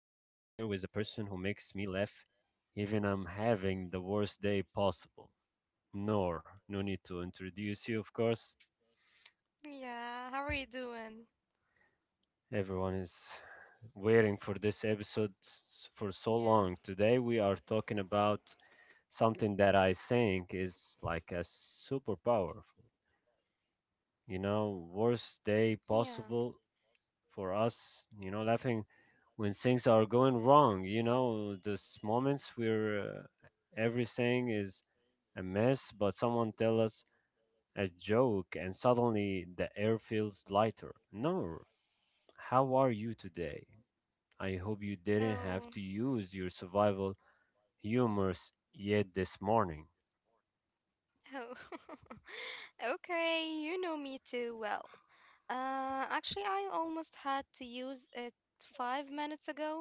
the person who makes me laugh even I'm having the worst day possible. Nor, no need to introduce you, of course. Yeah, how are you doing? Everyone is waiting for this episode for so Yeah, long. Today, we are talking about something that I think is like a superpower worst day yeah. possible for us, laughing when things are going wrong, those moments where everything is a mess, but someone tell us a joke and suddenly the air feels lighter. No, how are you today? I hope you didn't Oh, have to use your survival humors yet this morning. oh. Okay, you know me too well. Actually, I almost had to use it 5 minutes ago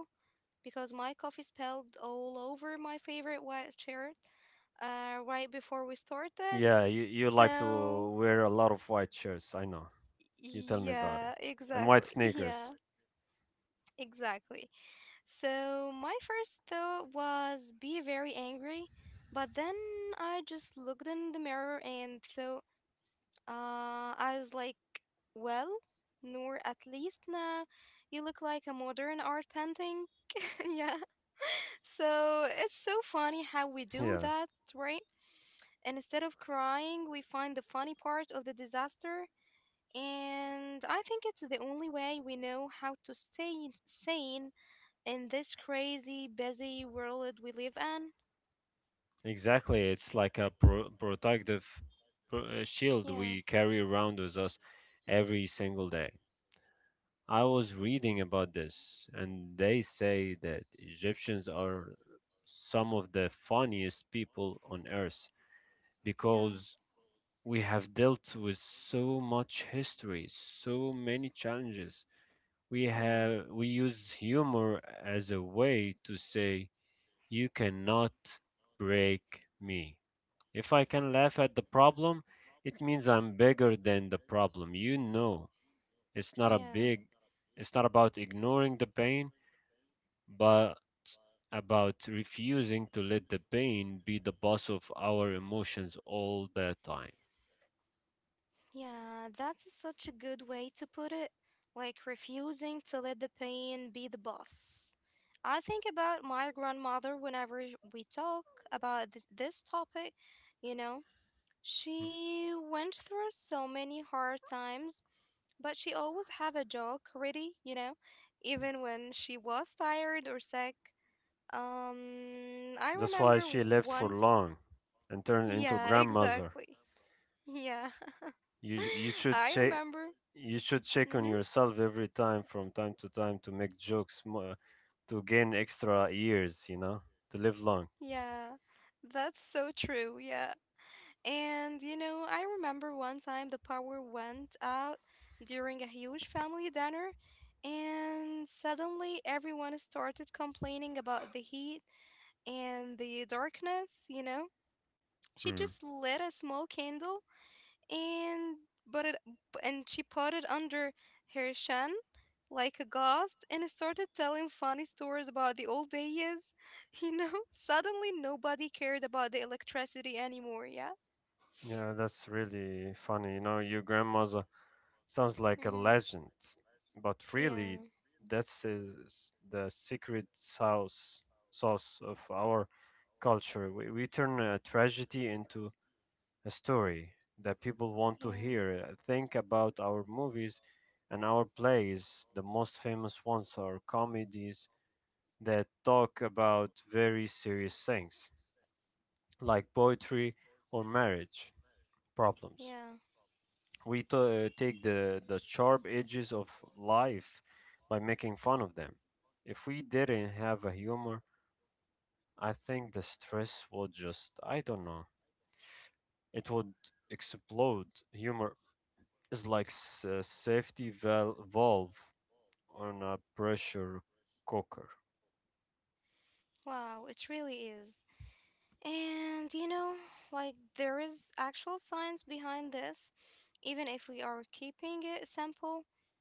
because my coffee spilled all over my favorite white shirt right before we started. Yeah, you like to So, wear a lot of white shirts, I know. You tell me about yeah, it. And exactly. white Yeah, sneakers. exactly. So my first thought was be very angry, but then I just looked in the mirror and thought, uh, I was like, well, Noor, at least now you look like a modern art painting. yeah. So it's so funny how we do Yeah. that, right? And instead of crying, we find the funny part of the disaster. And I think it's the only way we know how to stay sane in this crazy, busy world we live in. Exactly, it's like a protective shield Yeah, we carry around with us every single day. I was reading about this, and they say that Egyptians are some of the funniest people on earth yeah, because we have dealt with so much history, so many challenges. We yeah, have we use humor as a way to say you cannot break me. If I can laugh at the problem, it means I'm bigger than the problem. You know, it's not a yeah, big, it's not about ignoring the pain, but about refusing to let the pain be the boss of our emotions all the time. yeah. That's such a good way to put it. Like refusing to let the pain be the boss. I think about my grandmother whenever we talk about this topic, you know. She went through so many hard times, but she always have a joke ready, you know, even when she was tired or sick. I That's why remember she lived for one. long and turned into Yeah, grandmother. exactly. Yeah. you you should I check remember. you should check Mm-hmm. on yourself every time from time to time to make jokes to gain extra years, you know, to live long. Yeah, that's so true. Yeah. And you know, I remember one time the power went out during a huge family dinner, and suddenly everyone started complaining about the heat and the darkness, you know? She Hmm. just lit a small candle and but it and she put it under her shin like a ghost and started telling funny stories about the old days. You know, suddenly nobody cared about the electricity anymore, yeah? Yeah, that's really funny, you know, your grandmother sounds like a Mm-hmm. legend, but really Yeah, that's is the secret sauce of our culture. We turn a tragedy into a story that people want to yeah, hear. Think about our movies and our plays. The most famous ones are comedies that talk about very serious things, like poetry or marriage yeah. problems. We take the sharp edges of life by making fun of them. If we didn't have a humor, I think the stress would just, I don't know, it would explode. Humor is like a safety valve on a pressure cooker. Wow, it really is. And you know, like there is actual science behind this. Even if we are keeping it simple,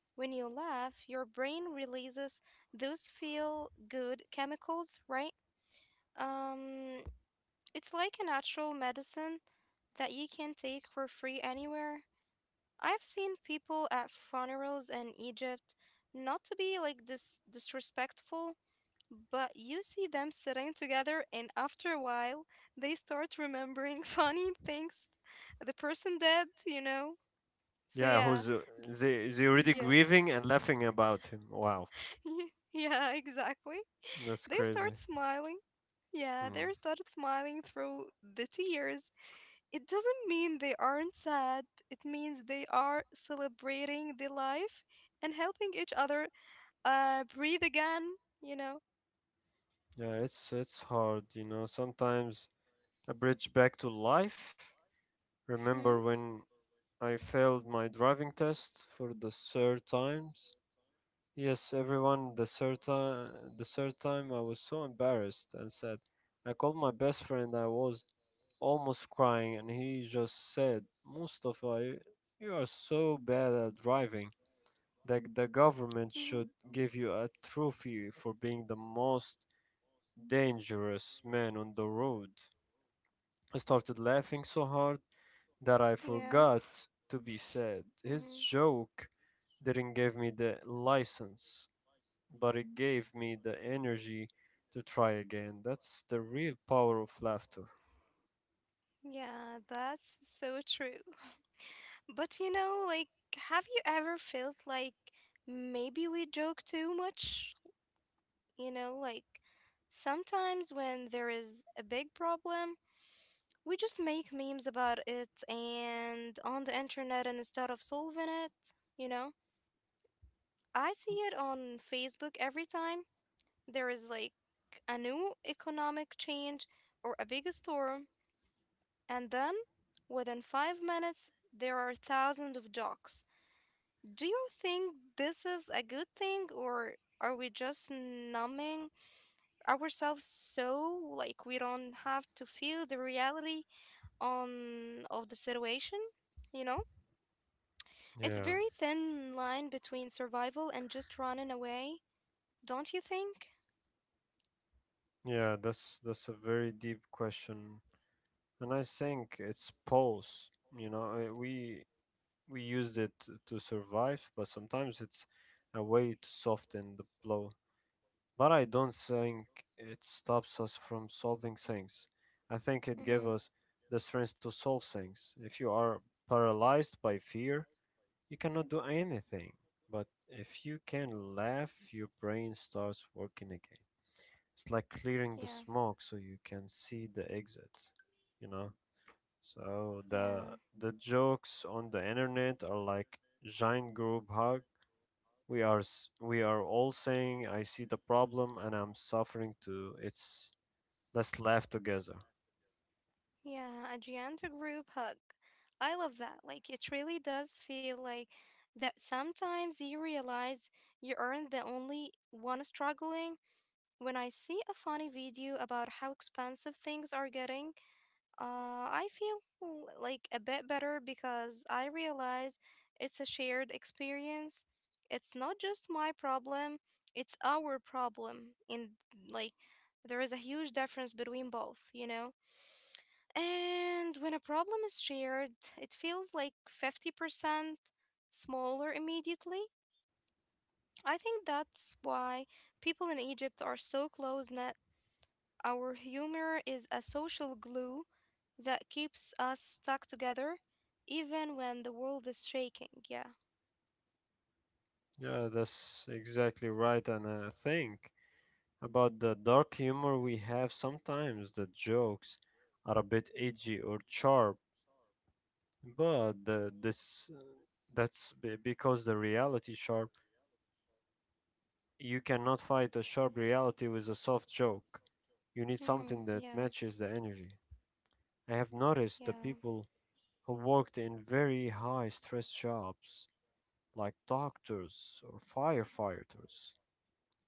when you laugh, your brain releases those feel good chemicals, right? Um, it's like a natural medicine that you can take for free anywhere. I've seen people at funerals in Egypt, not to be like disrespectful, but you see them sitting together, and after a while, they start remembering funny things the person did, you know? So, Yeah, yeah, who's they already yeah, grieving and laughing about him. Wow, yeah, yeah, exactly. that's They crazy. start smiling. Yeah, they Hmm. started smiling through the tears. It doesn't mean they aren't sad, it means they are celebrating the life and helping each other breathe again, you know? Yeah, it's hard, you know. Sometimes a bridge back to life. Remember when I failed my driving test for the third times? Yes, everyone, the third time I was so embarrassed and sad. I called my best friend, I was almost crying, and he just said, Mustafa, you are so bad at driving that the Hmm government should give you a trophy for being the most dangerous man on the road. I started laughing so hard that I Yeah. forgot to be sad. hmm His joke didn't give me the license, but it gave me the energy to try again. That's the real power of laughter. Yeah, that's so true. But you know, like, have you ever felt like maybe we joke too much? You know, like, sometimes when there is a big problem, we just make memes about it and on the internet and instead of solving it, you know? I see it on Facebook every time there is like a new economic change or a big storm, and then within 5 minutes, there are thousands of docs. Do you think this is a good thing, or are we just numbing ourselves so like we don't have to feel the reality on of the situation? You know, it's Yeah, very thin line between survival and just running away, don't you think? yeah, that's a very deep question, and I think it's pause. You know, uh, we we used it to survive, but sometimes it's a way to soften the blow. But I don't think it stops us from solving things. I think it gave Mm-hmm. us the strength to solve things. If you are paralyzed by fear, you cannot do anything, but if you can laugh, your brain starts working again. It's like clearing the Yeah, smoke so you can see the exit, you know? So yeah, the jokes on the internet are like giant group hug. We are all saying I see the problem and I'm suffering too. It's let's laugh together. yeah. A giant group hug. I love that. Like, it really does feel like that sometimes you realize you aren't the only one struggling. When I see a funny video about how expensive things are getting, I feel like a bit better because I realize it's a shared experience. It's not just my problem, it's our problem. And like, there is a huge difference between both, you know? And when a problem is shared, it feels like 50% smaller immediately. I think that's why people in Egypt are so close our humor is a social glue that keeps us stuck together even when the world is shaking. Yeah. Yeah, that's exactly right. And I think about the dark humor we have sometimes. The jokes are a bit edgy or sharp, but the, this that's be- because the reality sharp. You cannot fight a sharp reality with a soft joke. You need Mhm. something that Yeah. matches the energy. I have noticed the Yeah. people who worked in very high stress jobs, like doctors or firefighters,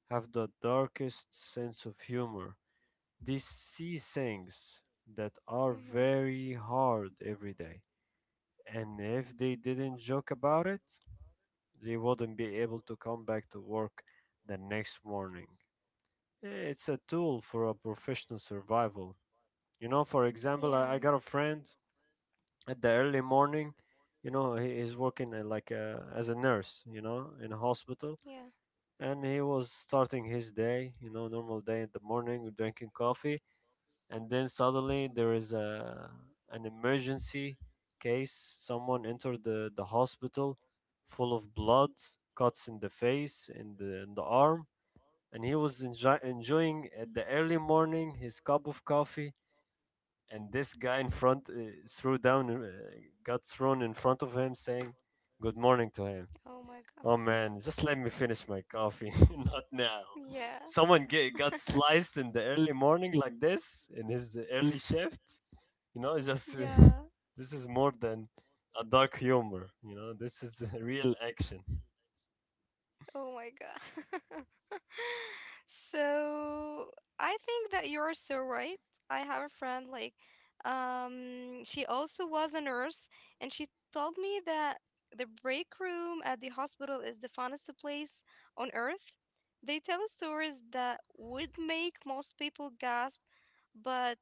have the darkest sense of humor. They see things that are Mhm. very hard every day. And if they didn't joke about it, they wouldn't be able to come back to work the next morning. It's a tool for a professional survival. You know, for example, I Yeah. got a friend at the early morning. You know, he is working like as a nurse. You know, in a hospital, Yeah. and he was starting his day. You know, normal day in the morning, drinking coffee, and then suddenly there is a an emergency case. Someone entered the hospital full of blood, cuts in the face, in the arm, and he was enjoying at the early morning his cup of coffee, and this guy in front threw down got thrown in front of him saying good morning to him. Oh my god. Oh man, just let me finish my coffee, not now. Yeah. Someone got sliced in the early morning like this in his early shift, you know, just yeah. this is more than a dark humor. You know, this is real action. Oh my god. So I think that you are so right. I have a friend like she also was a nurse and she told me that the break room at the hospital is the funnest place on earth. They tell stories that would make most people gasp, but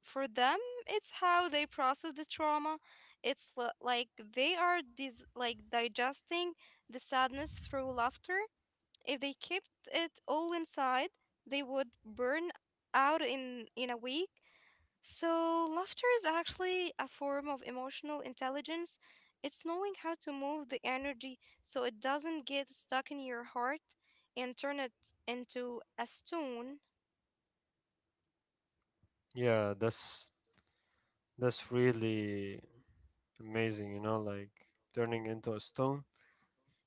for them it's how they process the trauma. It's like digesting the sadness through laughter if they kept it all inside, they would burn out in a week. So laughter is actually a form of emotional intelligence. It's knowing how to move the energy so it doesn't get stuck in your heart and turn it into a stone. Yeah, that's really amazing. You know, like turning into a stone.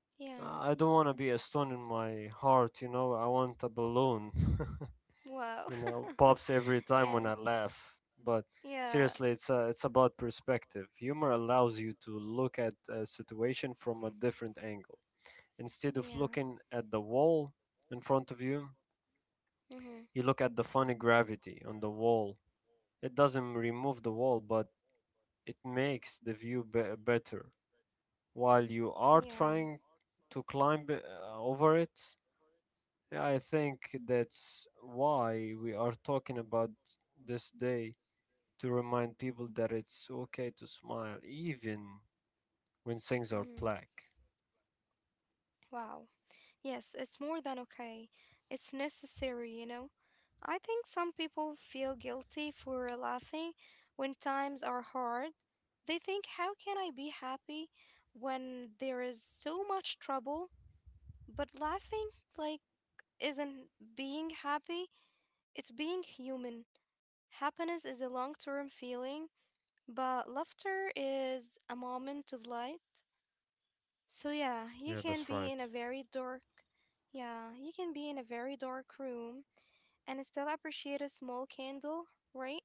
Yeah. I don't want to be a stone in my heart. You know, I want a balloon. Wow. You know, pops every time when yeah. I laugh. But Yeah. seriously, it's about perspective. Humor allows you to look at a situation from a different angle instead of Yeah. looking at the wall in front of you. Mhm. You look at the funny gravity on the wall. It doesn't remove the wall, but it makes the view better. While you are Yeah. trying to climb over it, yeah, I think that's why we are talking about this day to remind people that it's okay to smile even when things are Mhm. black. Wow. Yes, it's more than okay. It's necessary, you know? I think some people feel guilty for laughing when times are hard. They think, how can I be happy when there is so much trouble? But laughing, like, isn't being happy, it's being human. Happiness is a long term feeling, but laughter is a moment of light. So yeah, you Yeah, can be that's in a right. very dark Yeah, you can be in a very dark room and still appreciate a small candle, right?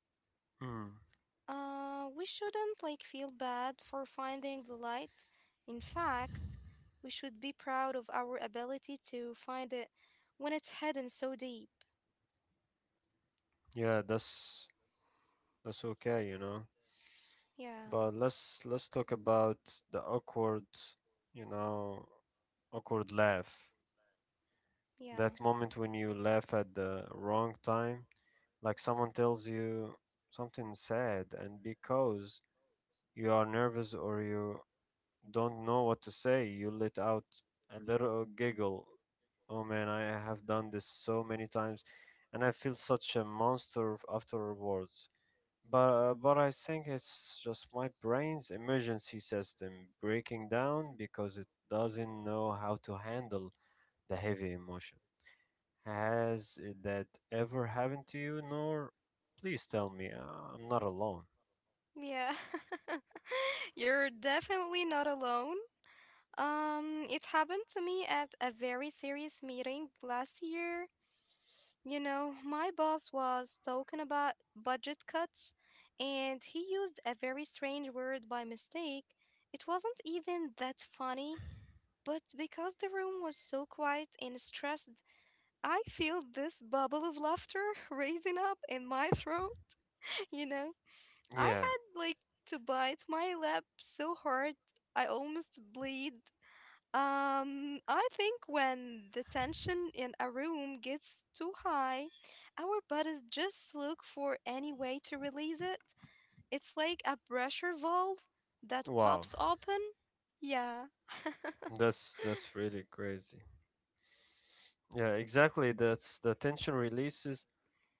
Mm. We shouldn't like feel bad for finding the light. In fact, we should be proud of our ability to find it when it's hidden so deep. Yeah, that's okay, you know. Yeah. But let's talk about the awkward, you know, awkward laugh. Yeah. That moment when you laugh at the wrong time, like someone tells you something sad, and because you are nervous or you don't know what to say, you let out a little giggle. Oh man, I have done this so many times, and I feel such a monster afterwards. But I think it's just my brain's emergency system breaking down because it doesn't know how to handle the heavy emotion. Has that ever happened to you, Nor? Please tell me I'm not alone. Yeah. You're definitely not alone. It happened to me at a very serious meeting last year. You know, my boss was talking about budget cuts and he used a very strange word by mistake. It wasn't even that funny, but because the room was so quiet and stressed, I feel this bubble of laughter raising up in my throat. You know, I Yeah. had like to bite my lip so hard I almost bleed I think when the tension in a room gets too high, our bodies just look for any way to release it. It's like a pressure valve that Wow. pops open. Yeah. That's really crazy. Yeah, exactly. That's the tension releases.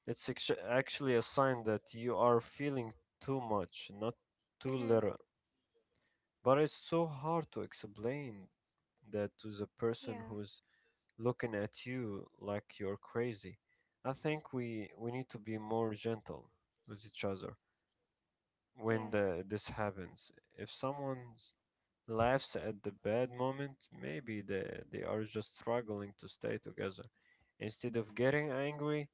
It's actually a sign that you are feeling too much, not too mm-hmm. little. But it's so hard to explain that to the Yeah. person who's looking at you like you're crazy. I think we need to be more gentle with each other when Yeah. This happens. If someone laughs at the bad moment, maybe they are just struggling to stay together. Instead of getting angry,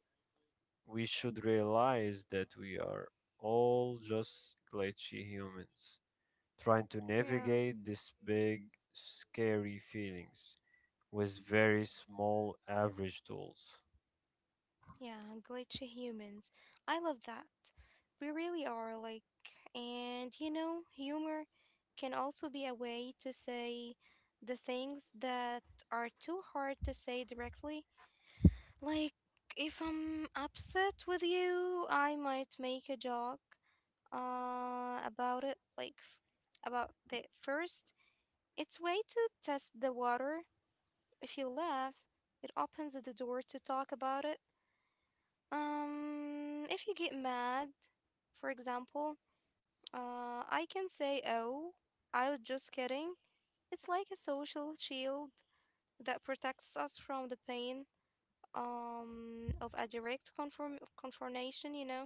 we should realize that we are all just glitchy humans. Trying to Yeah. navigate these big, scary feelings with very small, average tools. Yeah. Glitchy humans. I love that. We really are like, and you know, humor can also be a way to say the things that are too hard to say directly. Like, if I'm upset with you, I might make a joke about it, about the first. It's way to test the water. If you laugh, it opens the door to talk about it. If you get mad, for example, I can say, oh, I was just kidding. It's like a social shield that protects us from the pain of a direct confirm confrontation, you know?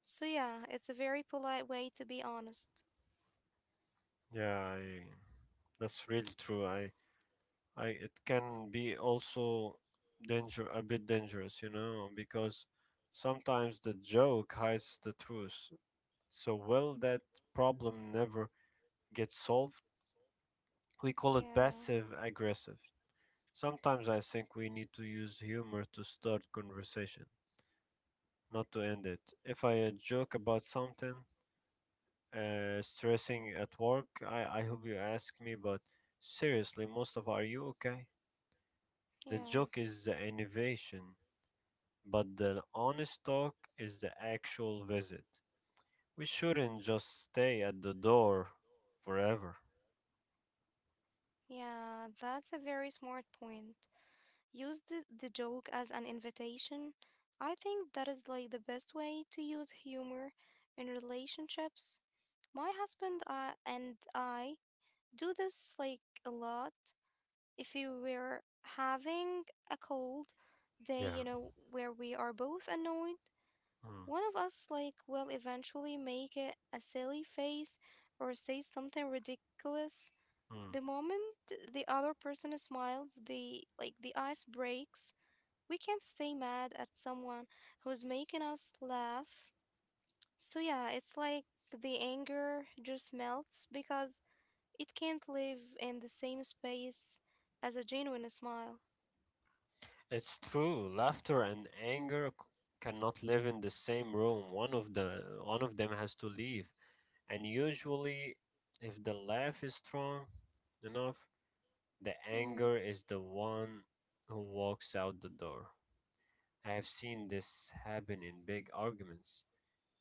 So yeah, it's a very polite way to be honest. Yeah, that's really true. It can be also a bit dangerous, you know, because sometimes the joke hides the truth. So will that problem never get solved? We call it Yeah, passive aggressive. Sometimes I think we need to use humor to start conversation, not to end it. If I joke about something stressing at work, I hope you ask me, but seriously, most of are you okay? The yeah, joke is the innovation, but the honest talk is the actual visit. We shouldn't just stay at the door forever. yeah, that's a very smart point. Use the joke as an invitation. I think that is like the best way to use humor in relationships. My husband and I do this like a lot. If we were having a cold day, you Yeah. know, where we are both annoyed, Mm, one of us like will eventually make a silly face or say something ridiculous. The mm. moment the other person smiles, the like the ice breaks. We can't stay mad at someone who's making us laugh. So yeah, it's like the anger just melts because it can't live in the same space as a genuine smile. It's true. Laughter and anger cannot live in the same room. One of them has to leave. And usually if the laugh is strong enough, the Mm, anger is the one who walks out the door. I have seen this happen in big arguments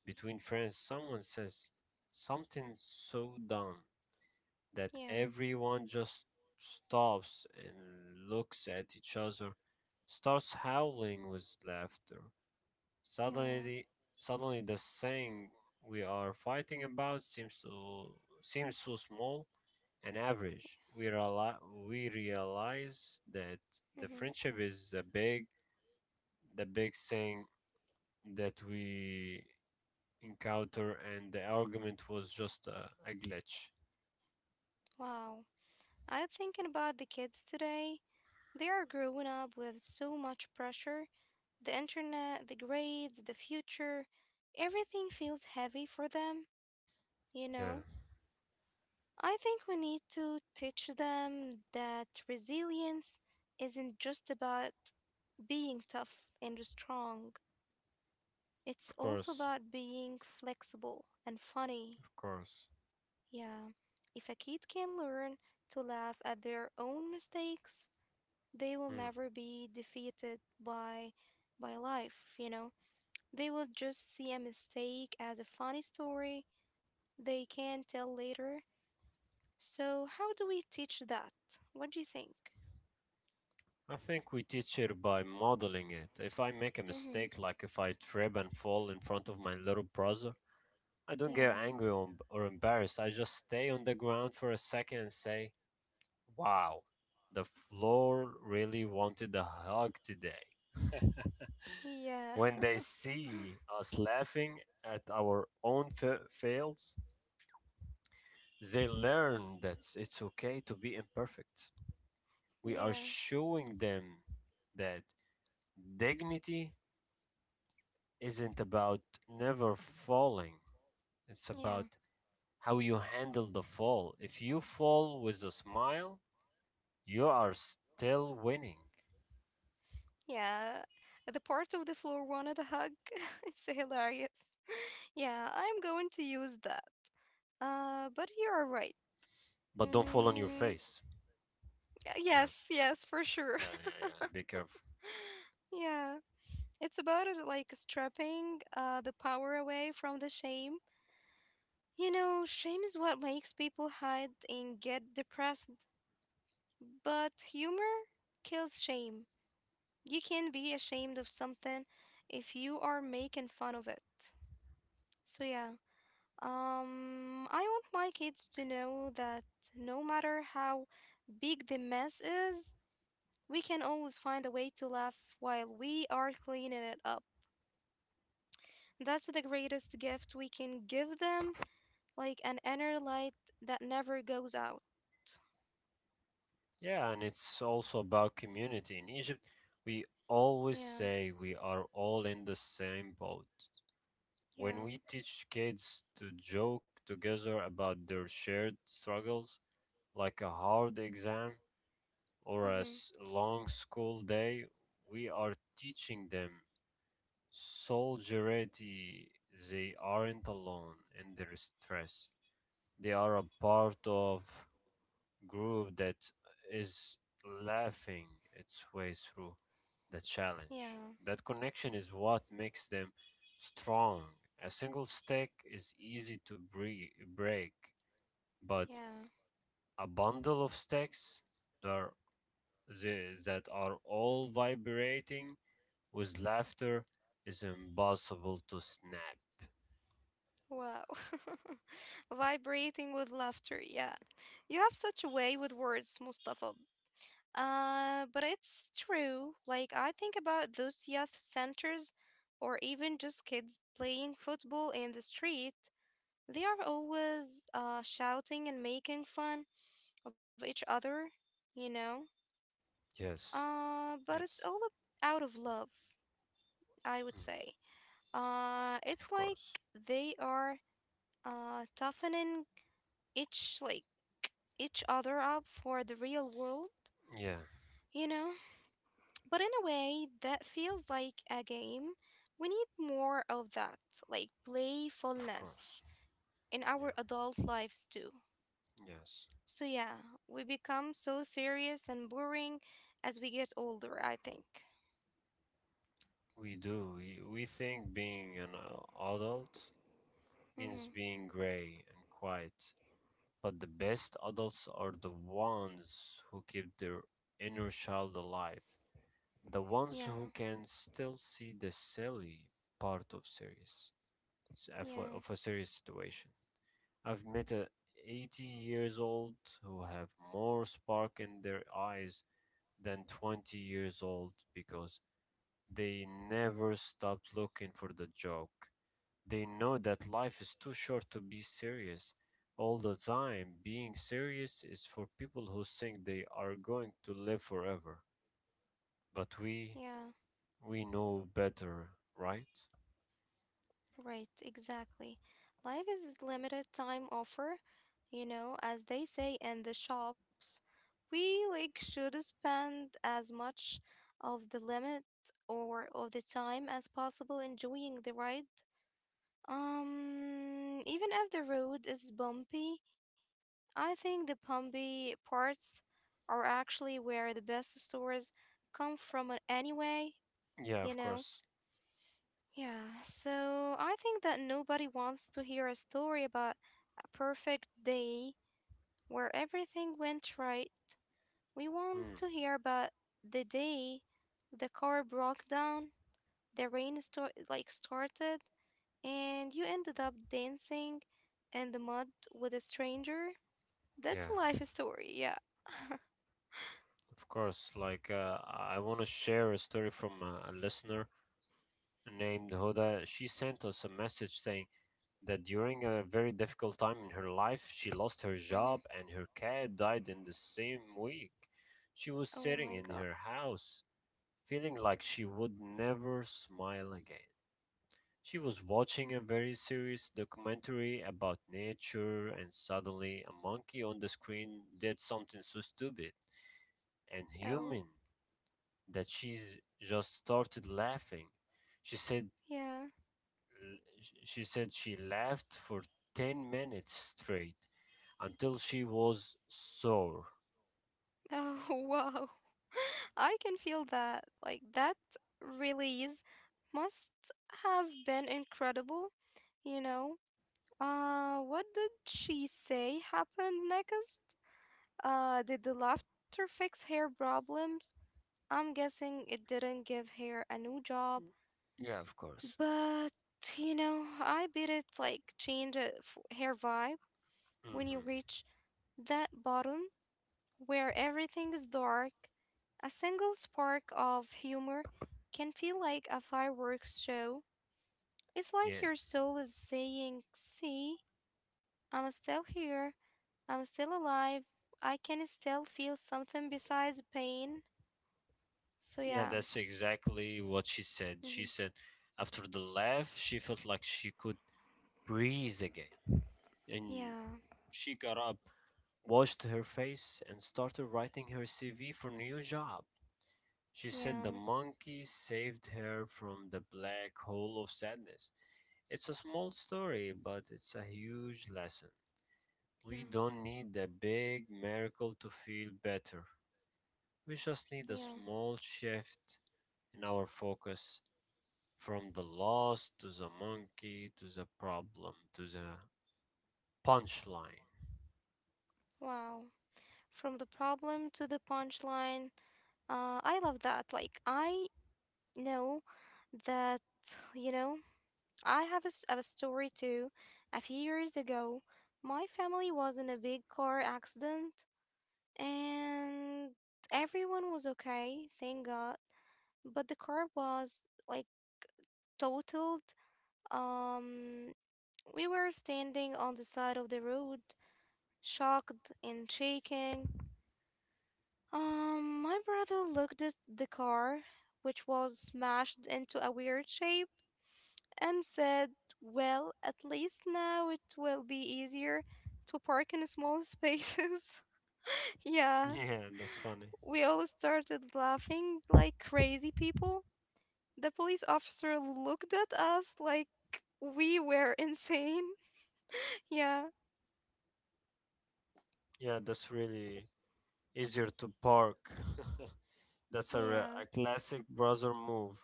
between friends. Someone says something so dumb that yeah, everyone just stops and looks at each other, starts howling with laughter. yeah. Suddenly, suddenly the thing we are fighting about seems so small and average. We realize that the Hmm friendship is the big thing that we encounter, and the argument was just a glitch. Wow. I'm thinking about the kids today. They are growing up with so much pressure the internet, the grades, the future. Everything feels heavy for them, you Yeah, know? I think we need to teach them that resilience isn't just about being tough and strong, it's of also course, about being flexible and funny. of course. Yeah. If a kid can learn to laugh at their own mistakes, they will Mm. never be defeated by by life, you know. They will just see a mistake as a funny story they can tell later. So, how do we teach that? What do you think? I think we teach it by modeling it. If I make a Mm-hmm. mistake, like if I trip and fall in front of my little brother, I don't get Yeah. angry or embarrassed. I just stay on the ground for a second and say, wow, the floor really wanted a hug today. Yeah. When they see us laughing at our own fails, they learn that it's okay to be imperfect. We are yeah. showing them that dignity isn't about never falling. It's about Yeah. how you handle the fall. If you fall with a smile, you are still winning. Yeah. The part of the floor wanted a hug. it's hilarious. Yeah, I'm going to use that. But you are right. But don't fall on your Mm, face. Yeah, yes, yes, for sure. yeah, yeah, yeah. Be careful. yeah. It's about it like strapping the power away from the shame. You know, shame is what makes people hide and get depressed, but humor kills shame. You can be ashamed of something if you are making fun of it. So yeah, I want my kids to know that no matter how big the mess is, we can always find a way to laugh while we are cleaning it up. That's the greatest gift we can give them, like an inner light that never goes out. Yeah, and it's also about community. In Egypt, we Yeah. always say we are all in the same boat. When Yeah. we teach kids to joke together about their shared struggles, like a hard exam, or a Mm-hmm. Long school day, we are teaching them solidarity. They aren't alone in their stress. They are a part of group that is laughing its way through the challenge. Yeah. That connection is what makes them strong. A single stick is easy to break, but Yeah. a bundle of sticks, they're that are all vibrating with laughter is impossible to snap. Wow. Vibrating with laughter. Yeah. You have such a way with words, Mustafa. But it's true. Like, I think about those youth centers or even just kids playing football in the street. They are always shouting and making fun of each other, you know? Yes, But it's all yes, out of love, I would mm, say. It's of like course. they are toughening each like each other up for the real world, Yeah, you know? But in a way, that feels like a game. We need more of that, like of course. playfulness in Yeah, our adult lives too. yes. So, yeah, we become so serious and boring as we get older, I think. We do. We think being an adult means Mm-hmm. being gray and quiet. But the best adults are the ones who keep their inner child alive, the ones Yeah, who can still see the silly part of series. uh, for, yeah, of a serious situation. I've met a 80 years old who have more spark in their eyes than 20 years old because they never stopped looking for the joke. They know that life is too short to be serious all the time. Being serious is for people who think they are going to live forever. But we yeah. we know better, right? Right, exactly. Life is limited time offer, you know, as they say in the shops. We like should spend as much of the limit or of the time as possible enjoying the ride. Even if the road is bumpy, I think the bumpy parts are actually where the best stories come from anyway, Yeah, you of know. course. Yeah, so I think that nobody wants to hear a story about a perfect day where everything went right. We want Mm, to hear about the day the car broke down, the rain started, and you ended up dancing in the mud with a stranger. yeah. That's a life story, yeah. Of course, like I want to share a story from a listener named Hoda. She sent us a message saying that during a very difficult time in her life, she lost her job Hmm. and her cat died in the same week. She was Oh sitting my in God. her house, feeling like she would never smile again. She was watching a very serious documentary about nature, and suddenly a monkey on the screen did something so stupid and Oh, human that she just started laughing. She said yeah. she said she laughed for 10 minutes straight until she was sore. Oh, wow. I can feel that. Like, that release must have been incredible, you know? What did she say happened next? Did the laughter fix hair problems? I'm guessing it didn't give hair a new job, Yeah, of course. but I bet it like changed a hair vibe when you Hmm. reach that bottom. Where everything is dark, a single spark of humor can feel like a fireworks show. It's like Yeah. your soul is saying, See, I'm still here, I'm still alive, I can still feel something besides pain. So, Yeah, yeah. that's exactly what she said. She Mhm. said after the laugh, she felt like she could breathe again. And Yeah, she got up, washed her face, and started writing her CV for new job. She said yeah, the monkey saved her from the black hole of sadness. It's a small story, but it's a huge lesson. We yeah, don't need a big miracle to feel better. We just need a yeah. small shift in our focus from the loss to the monkey to the problem to the punchline. Wow. From the problem to the punchline, I love that. Like, I know that, you know, I have a story too. A few years ago, my family was in a big car accident and everyone was okay, thank God. But the car was like totaled. Um, we were standing on the side of the road, shocked and shaking. My brother looked at the car, which was smashed into a weird shape and said, "Well, at least now it will be easier to park in small spaces." Yeah, Yeah, that's funny. we all started laughing like crazy people. The police officer looked at us like we were insane. Yeah, Yeah, that's really easier to park. that's a, re- yeah, a classic brother move.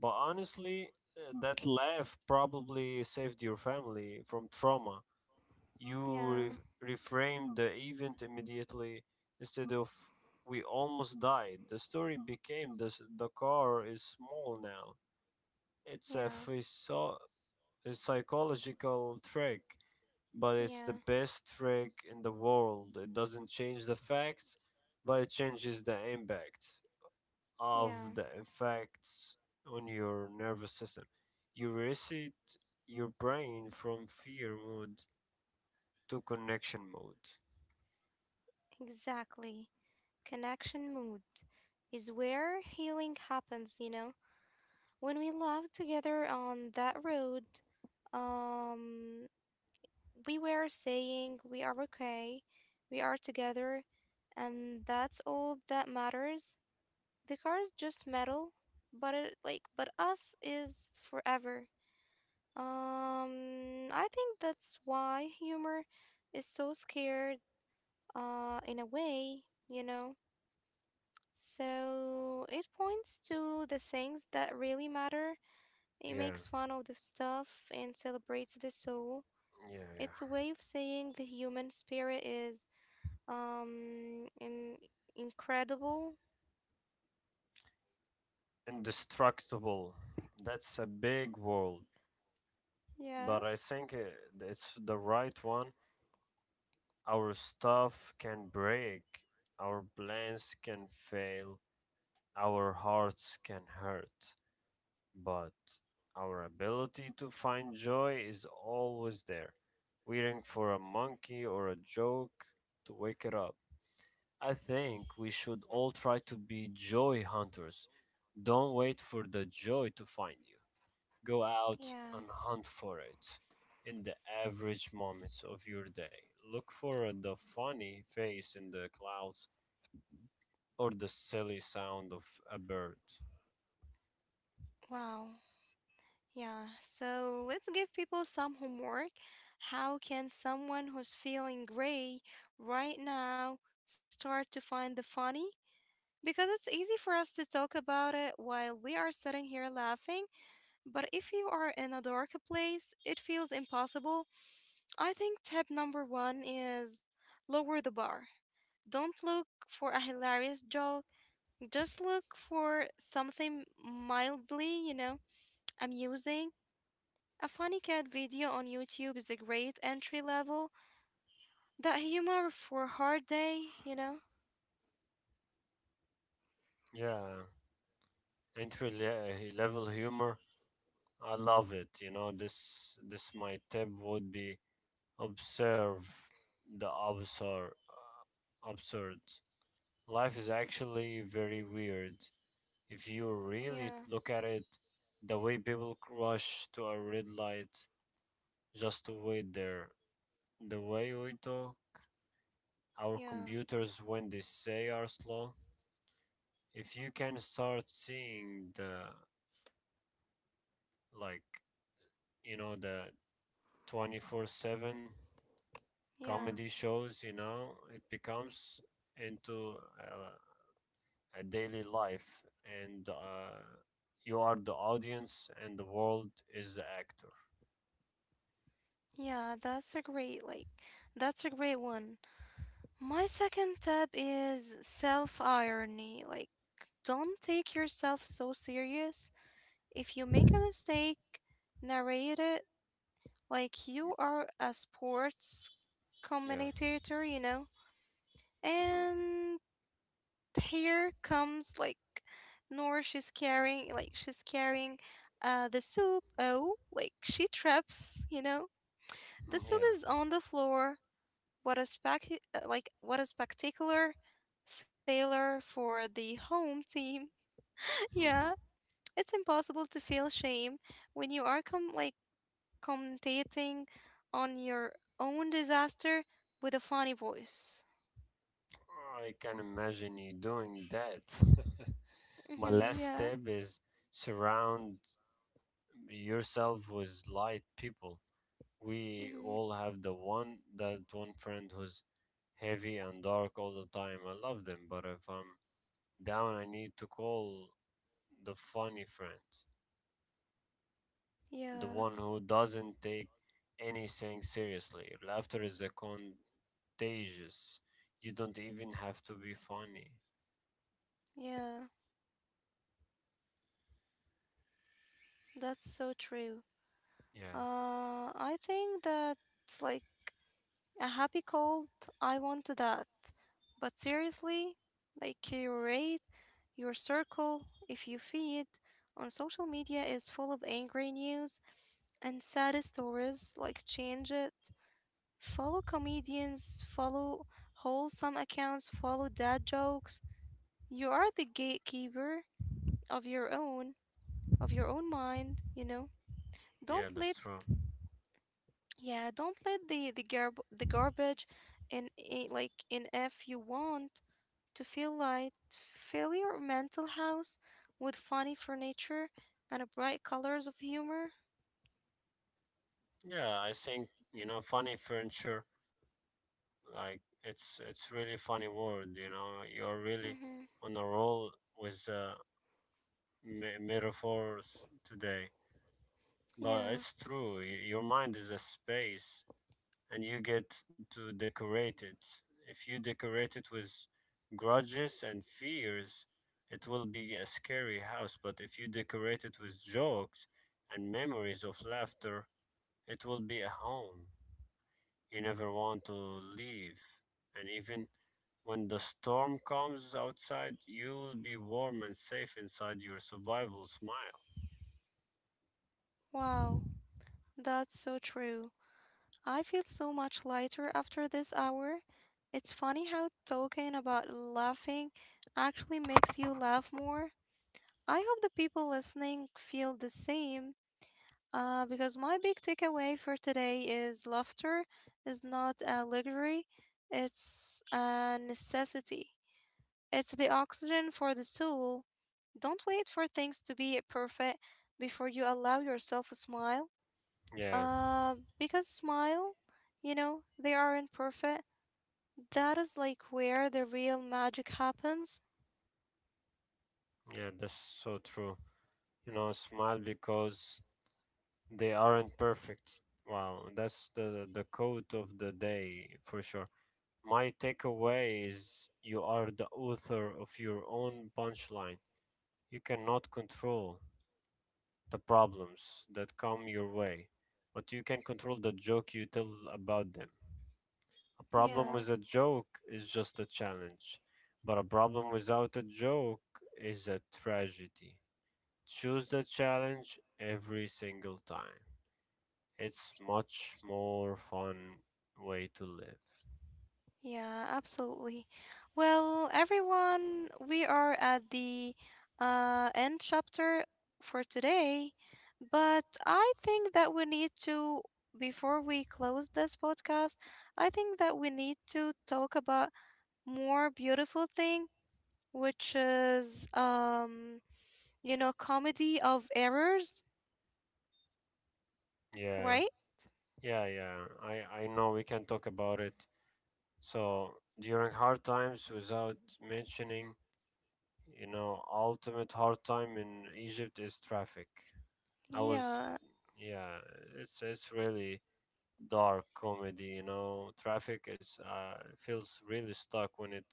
But honestly, that laugh probably saved your family from trauma. You yeah, reframed the event immediately instead of we almost died. The story became this, the car is small now. It's a, yeah, physio- a psychological trick, but it's the yeah, best trick in the world. It doesn't change the facts, but it changes the impact yeah, of the effects on your nervous system. You reset your brain from fear mode to connection mode. exactly. Connection mood is where healing happens, you know? When we laughed together on that road, um, we were saying we are okay, we are together, and that's all that matters. The car is just metal, but it like but us is forever. I think that's why humor is so scared, in a way. So it points to the things that really matter. It Yeah, makes fun of the stuff and celebrates the soul. yeah. It's a way of saying the human spirit is um in- incredible. Indestructible. That's a big word, Yeah. but I think it's the right one. Our stuff can break, our plans can fail, our hearts can hurt. But our ability to find joy is always there, waiting for a monkey or a joke to wake it up. I think we should all try to be joy hunters. Don't wait for the joy to find you. Go out Yeah. and hunt for it in the average moments of your day. Look for the funny face in the clouds or the silly sound of a bird. Wow. Yeah. So let's give people some homework. How can someone who's feeling gray right now start to find the funny? Because it's easy for us to talk about it while we are sitting here laughing, but if you are in a dark place, it feels impossible. I think tip number one is lower the bar. Don't look for a hilarious joke, just look for something mildly amusing. A funny cat video on YouTube is a great entry level. That humor for a hard day, you know? Yeah, entry level humor I love it. You know, this my tip would be observe the absurd. Absurd. Life is actually very weird if you really Yeah, look at it. The way people rush to a red light just to wait there. The way we talk, our yeah, computers when they say are slow. If you can start seeing the like you know the 24/7 yeah. comedy shows, you know, it becomes into a, a daily life, and you are the audience, and the world is the actor. Yeah, that's a great one. My second tip is self irony. Like, don't take yourself so serious. If you make a mistake, narrate it like you are a sports Yeah. commentator, you know? Hmm. And here comes like Nora, she's carrying the soup. Oh, like, she traps, you know? The soup Yeah. is on the floor. What a spec, what a spectacular failure for the home team. Yeah, Mhm. it's impossible to feel shame when you are commentating on your own disaster with a funny voice. I can imagine you doing that. My Mm-hmm, last yeah, tip is surround yourself with light people. We mm-hmm, all have the one that one friend who's heavy and dark all the time. I love them, but if I'm down, I need to call the funny friend, the yeah, one who doesn't take anything seriously. Laughter is a contagious. You don't even have to be funny. yeah. That's so true. Yeah, I think that's like a happy cold. I want that. But seriously, like curate your circle. If you feed on social media is full of angry news and sad stories, like change it. Follow comedians, follow wholesome accounts, follow dad jokes. You are the gatekeeper of your own of your own mind. yeah, Don't that's let true. Yeah, don't let the garbage in if you want to feel light, fill your mental house with funny furniture and a bright colors of humor. Yeah, I think you know, funny furniture. Like it's really funny word. You know, you're really Mm-hmm. on a roll with metaphors today. But Yeah. it's true. Your mind is a space and you get to decorate it. If you decorate it with grudges and fears, it will be a scary house, but if you decorate it with jokes and memories of laughter, it will be a home you never want to leave. And even when the storm comes outside, you'll be warm and safe inside your survival smile. Wow. That's so true. I feel so much lighter after this hour. It's funny how talking about laughing actually makes you laugh more. I hope the people listening feel the same, because my big takeaway for today is laughter is not a luxury, it's a necessity. It's the oxygen for the soul. Don't wait for things to be perfect before you allow yourself a smile. Yeah, Because smile, they aren't perfect. That is like where the real magic happens. yeah, that's so true. You know, smile because they aren't perfect. Wow, that's the quote of the day for sure. My takeaway is you are the author of your own punchline. You cannot control the problems that come your way, but you can control the joke you tell about them. A problem Yeah. with a joke is just a challenge, but a problem without a joke is a tragedy. Choose the challenge every single time. It's much more fun way to live. Yeah, absolutely. Well, everyone, we are at the end chapter for today, but I think that we need to, before we close this podcast, I think that we need to talk about more beautiful thing, which is comedy of errors, Yeah, right? yeah. I know we can talk about it. So during hard times, without mentioning, you know, ultimate hard time in Egypt is traffic. I was, Yeah, yeah, it's really dark comedy. You know, traffic is feels really stuck when it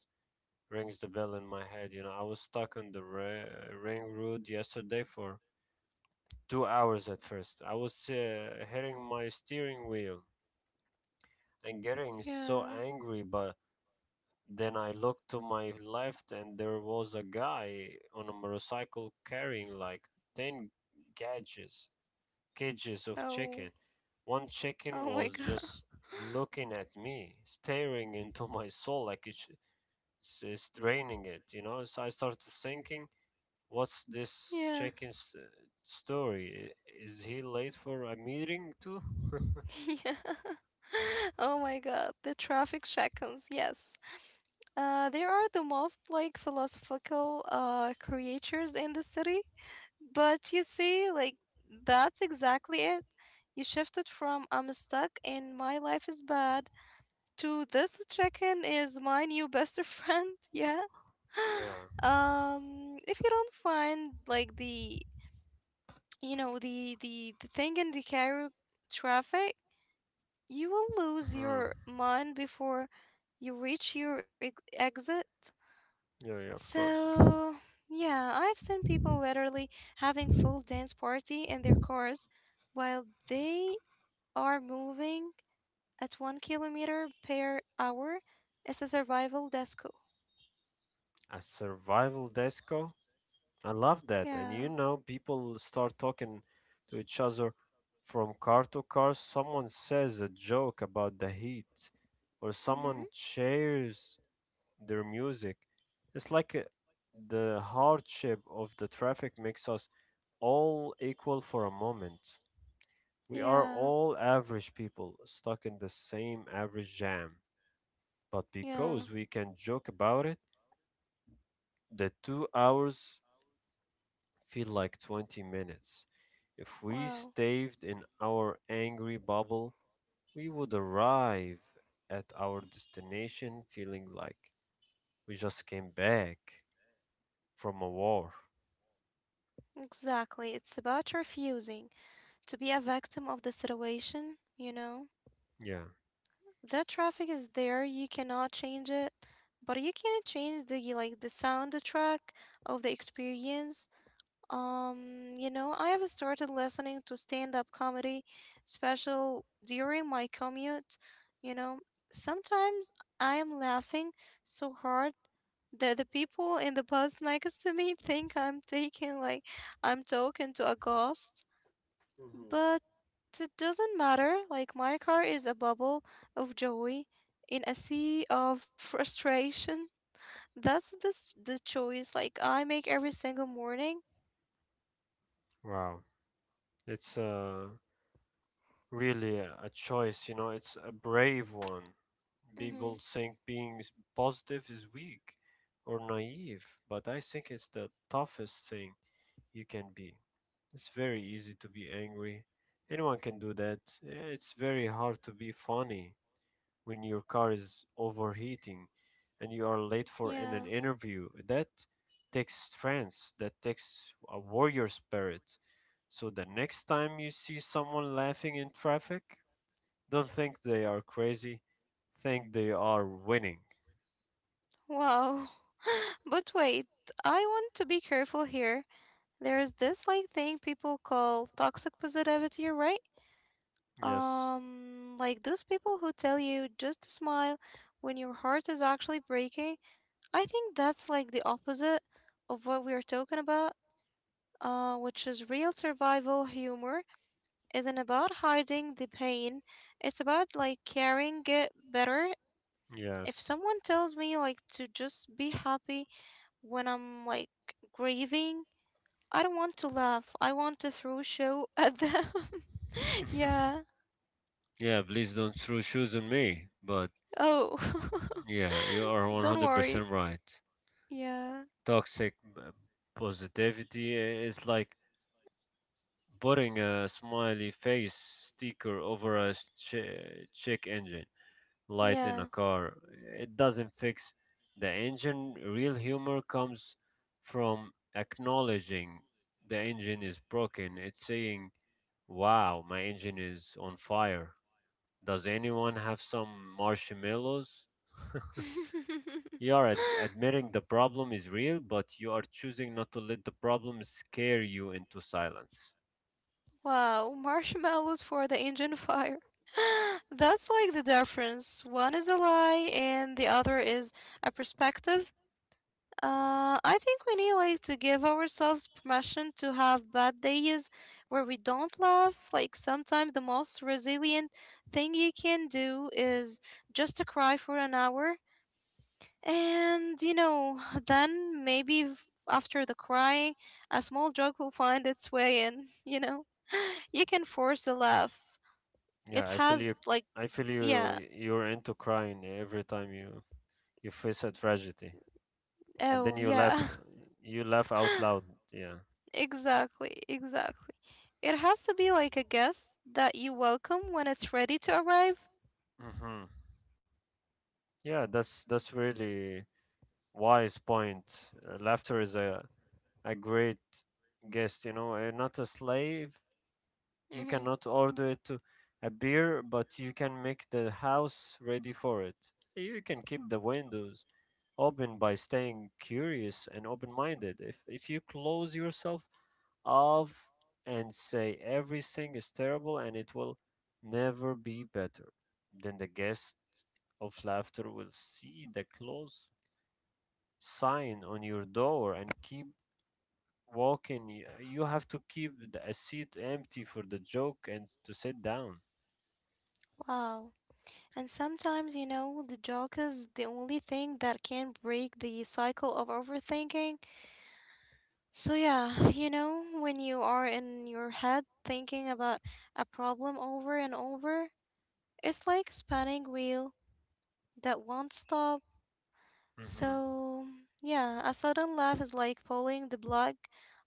rings the bell in my head. You know, I was stuck on the ring road yesterday for 2 hours at first. I was hitting my steering wheel and getting so yeah. angry, but then I looked to my left and there was a guy on a motorcycle carrying like 10 cages, cages of Oh, chicken. One chicken oh my was God. just looking at me, staring into my soul like it's draining it, you know? So I started thinking what's this Yeah, chicken story? Is he late for a meeting too? yeah. Oh my God, the traffic shackles, yes. They are the most like philosophical creatures in the city. But you see, like that's exactly it. You shifted from I'm stuck and my life is bad to this chicken is my new best friend. Yeah. Yeah. If you don't find like the you know the thing in the Cairo traffic, you will lose Mhm. your mind before you reach your exit. Yeah, yeah, of course. So yeah, I've seen people literally having full dance party in their cars while they are moving at 1 kilometer per hour. It's a survival desk. A survival disco? I love that. Yeah. And you know, people start talking to each other from car to car. Someone says a joke about the heat, or Mm-hmm. someone shares their music. It's like the hardship of the traffic makes us all equal for a moment. We are Yeah. all average people stuck in the same average jam, but Yeah. because we can joke about it, the 2 hours feel like 20 minutes. If we Wow. stayed in our angry bubble, we would arrive at our destination feeling like we just came back from a war. Exactly. It's about refusing to be a victim of the situation, you know? Yeah. The traffic is there, you cannot change it, but you can change the soundtrack of the experience. I have started listening to stand-up comedy special during my commute. You know, sometimes I am laughing so hard that the people in the bus next to me think I'm taking like I'm talking to a ghost. Hmm. But it doesn't matter. Like my car is a bubble of joy in a sea of frustration. That's the choice like I make every single morning. Wow, it's really a choice, you know, it's a brave one. Mm-hmm. People think being positive is weak or naive, but I think it's the toughest thing you can be. It's very easy to be angry. Anyone can do that. It's very hard to be funny when your car is overheating and you are late for Yeah. in an interview. That takes strength, that takes a warrior spirit. So the next time you see someone laughing in traffic, don't think they are crazy, think they are winning. Wow. But wait, I want to be careful here. There is this like thing people call toxic positivity, right? Yes. Like those people who tell you just to smile when your heart is actually breaking. I think that's like the opposite of what we are talking about, which is real survival humor isn't about hiding the pain. It's about like carrying it better. If Yes. someone tells me like to just be happy when I'm like grieving, I don't want to laugh. I want to throw a show at them. Yeah. Yeah, please don't throw shoes on me. But Oh. yeah, you are Don't worry. 100% right. Yeah. Toxic positivity is like putting a smiley face sticker over a check engine light in Yeah. a car. It doesn't fix the engine. Real humor comes from acknowledging the engine is broken. It's saying, wow, my engine is on fire. Does anyone have some marshmallows? You are admitting the problem is real, but you are choosing not to let the problem scare you into silence. Wow, marshmallows for the engine fire. That's like the difference. One is a lie and the other is a perspective. I think we need like to give ourselves permission to have bad days where we don't laugh. Like sometimes the most resilient thing you can do is just to cry for an hour, and then maybe after the crying, a small joke will find its way in. You know, you can force a laugh. Yeah, It I feel has you. like I feel Yeah, you. You're into crying every time you face a tragedy, and oh then you yeah. laugh. You laugh out loud. Yeah. Exactly, exactly. It has to be like a guest that you welcome when it's ready to arrive. Hmm. Yeah, that's really wise point. Laughter is a great guest. You know, not a slave, you Hmm. cannot order it to a beer, but you can make the house ready for it. You can keep the windows open by staying curious and open-minded. If you close yourself off and say everything is terrible and it will never be better, then the guest of laughter will see the close sign on your door and keep walking. You have to keep a seat empty for the joke and to sit down. Wow. And sometimes, the joke is the only thing that can break the cycle of overthinking. So, yeah, when you are in your head thinking about a problem over and over, it's like spinning wheel that won't stop. Hmm. So, yeah, a sudden laugh is like pulling the plug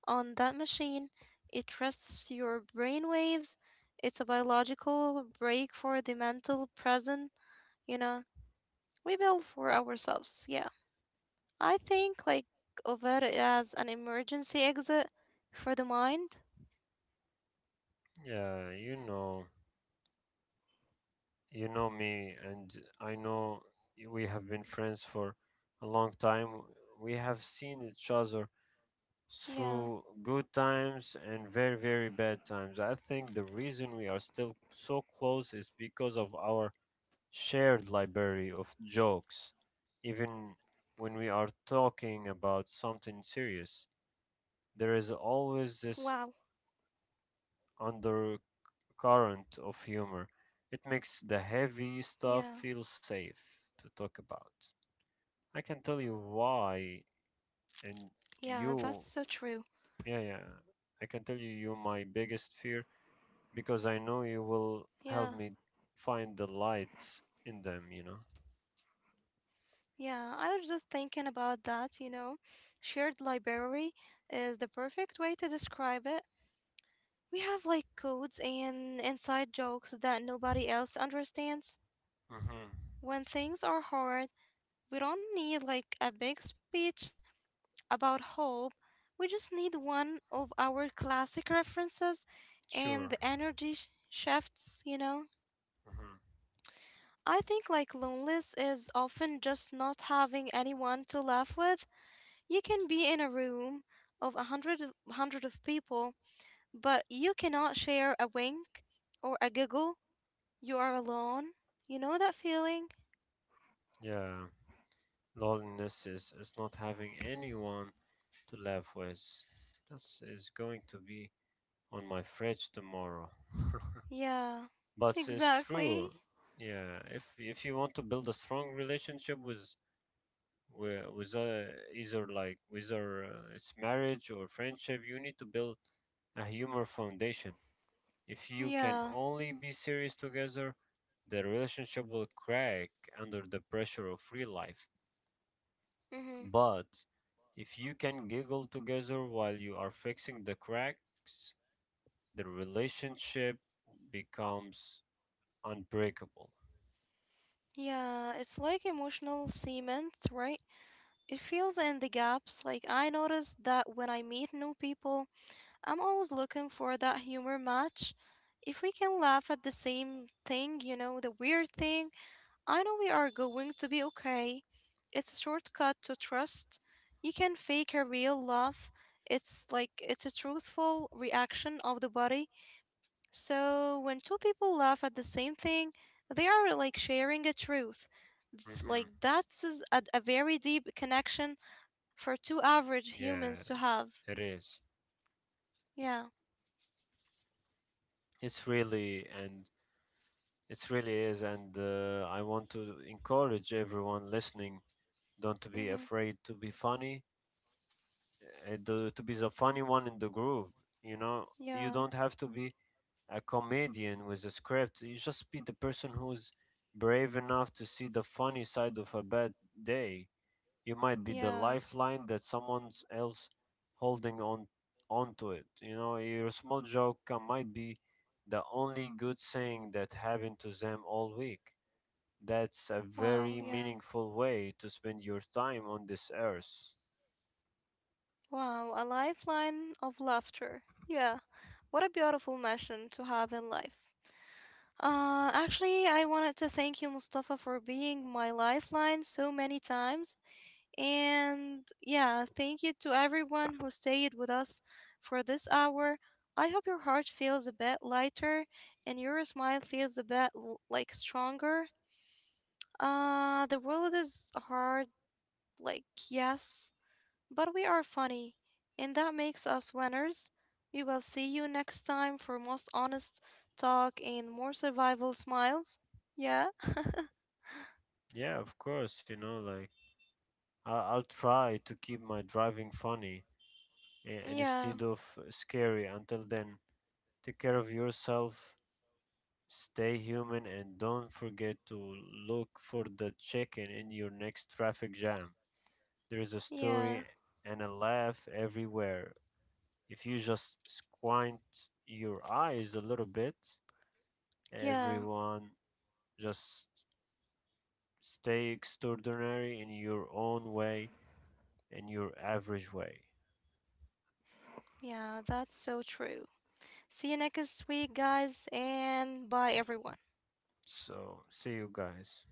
on that machine. It rests your brain waves. It's a biological break for the mental present, you know, we build for ourselves. Yeah. I think like of it as an emergency exit for the mind. Yeah, you know me, and I know we have been friends for a long time. We have seen each other Yeah. through good times and very, very bad times. I think the reason we are still so close is because of our shared library of jokes. Even when we are talking about something serious, Wow. there is always this current of humor. It makes the Yeah. heavy stuff feel safe to talk about. I can tell you Yeah, that's why, so true. and you, yeah, yeah, I can tell you, you my biggest fear because I know you Yeah. will help me find the light in them, you know? Yeah, I was just thinking about that. Shared library is the perfect way to describe it. We have like codes and inside jokes that nobody else understands. Mm-hmm. When things are hard, we don't need like a big speech about hope. We just need one of our classic references and Sure. the energy shifts. Mm-hmm. I think like loneliness is often just not having anyone to laugh with. You can be in a room of a hundred of people, but you cannot share a wink or a giggle. You are alone. You know that feeling? Yeah. Loneliness is not having anyone to laugh with. This is going to be on my fridge tomorrow. Yeah, But it's exactly. true. Yeah, if you want to build a strong relationship with with either like whether it's marriage or friendship, you need to build a humor foundation. If you can Yeah. only be serious together, the relationship will crack under the pressure of real life. Mm-hmm. But if you can giggle together while you are fixing the cracks, the relationship becomes unbreakable. Yeah, it's like emotional cement, right? It fills in the gaps. Like I noticed that when I meet new people, I'm always looking for that humor match. If we can laugh at the same thing, you know, the weird thing, I know we are going to be okay. It's a shortcut to trust. You can fake a real love. It's like it's a truthful reaction of the body. So when two people laugh at the same thing, they are like sharing a truth. Hmm. Like that's is a very deep connection for two average humans to Yeah, have. it is. Yeah. It's really and it's really is, and I want to encourage everyone listening don't to be Mhm. afraid to be funny, to be the funny one in the group. You know, you Yeah. don't have to be a comedian with a script. You just be the person who's brave enough to see the funny side of a bad day. You might be the Yeah. lifeline that someone else holding on onto it. You know, your small joke might be the only good thing that happened to them all week. That's a Wow. very Yeah. meaningful way to spend your time on this earth. Wow. A lifeline of laughter. Yeah. What a beautiful mission to have in life. Actually, I wanted to thank you, Mustafa, for being my lifeline so many times. And yeah, thank you to everyone who stayed with us for this hour. I hope your heart feels a bit lighter and your smile feels a bit like stronger. The world is hard, like, yes, but we are funny, and that makes us winners. We will see you next time for most honest talk and more survival smiles. Yeah? Yeah, of course, you know, like I'll try to keep my driving funny Yeah, instead of scary until then. Take care of yourself. Stay human and don't forget to look for the chicken in your next traffic jam. There's a yeah, story and a laugh everywhere. If you just squint your eyes a little bit, yeah, everyone just stay extraordinary in your own way, in your average way. yeah, that's so true. See you next week, guys, and bye, everyone. So, see you guys.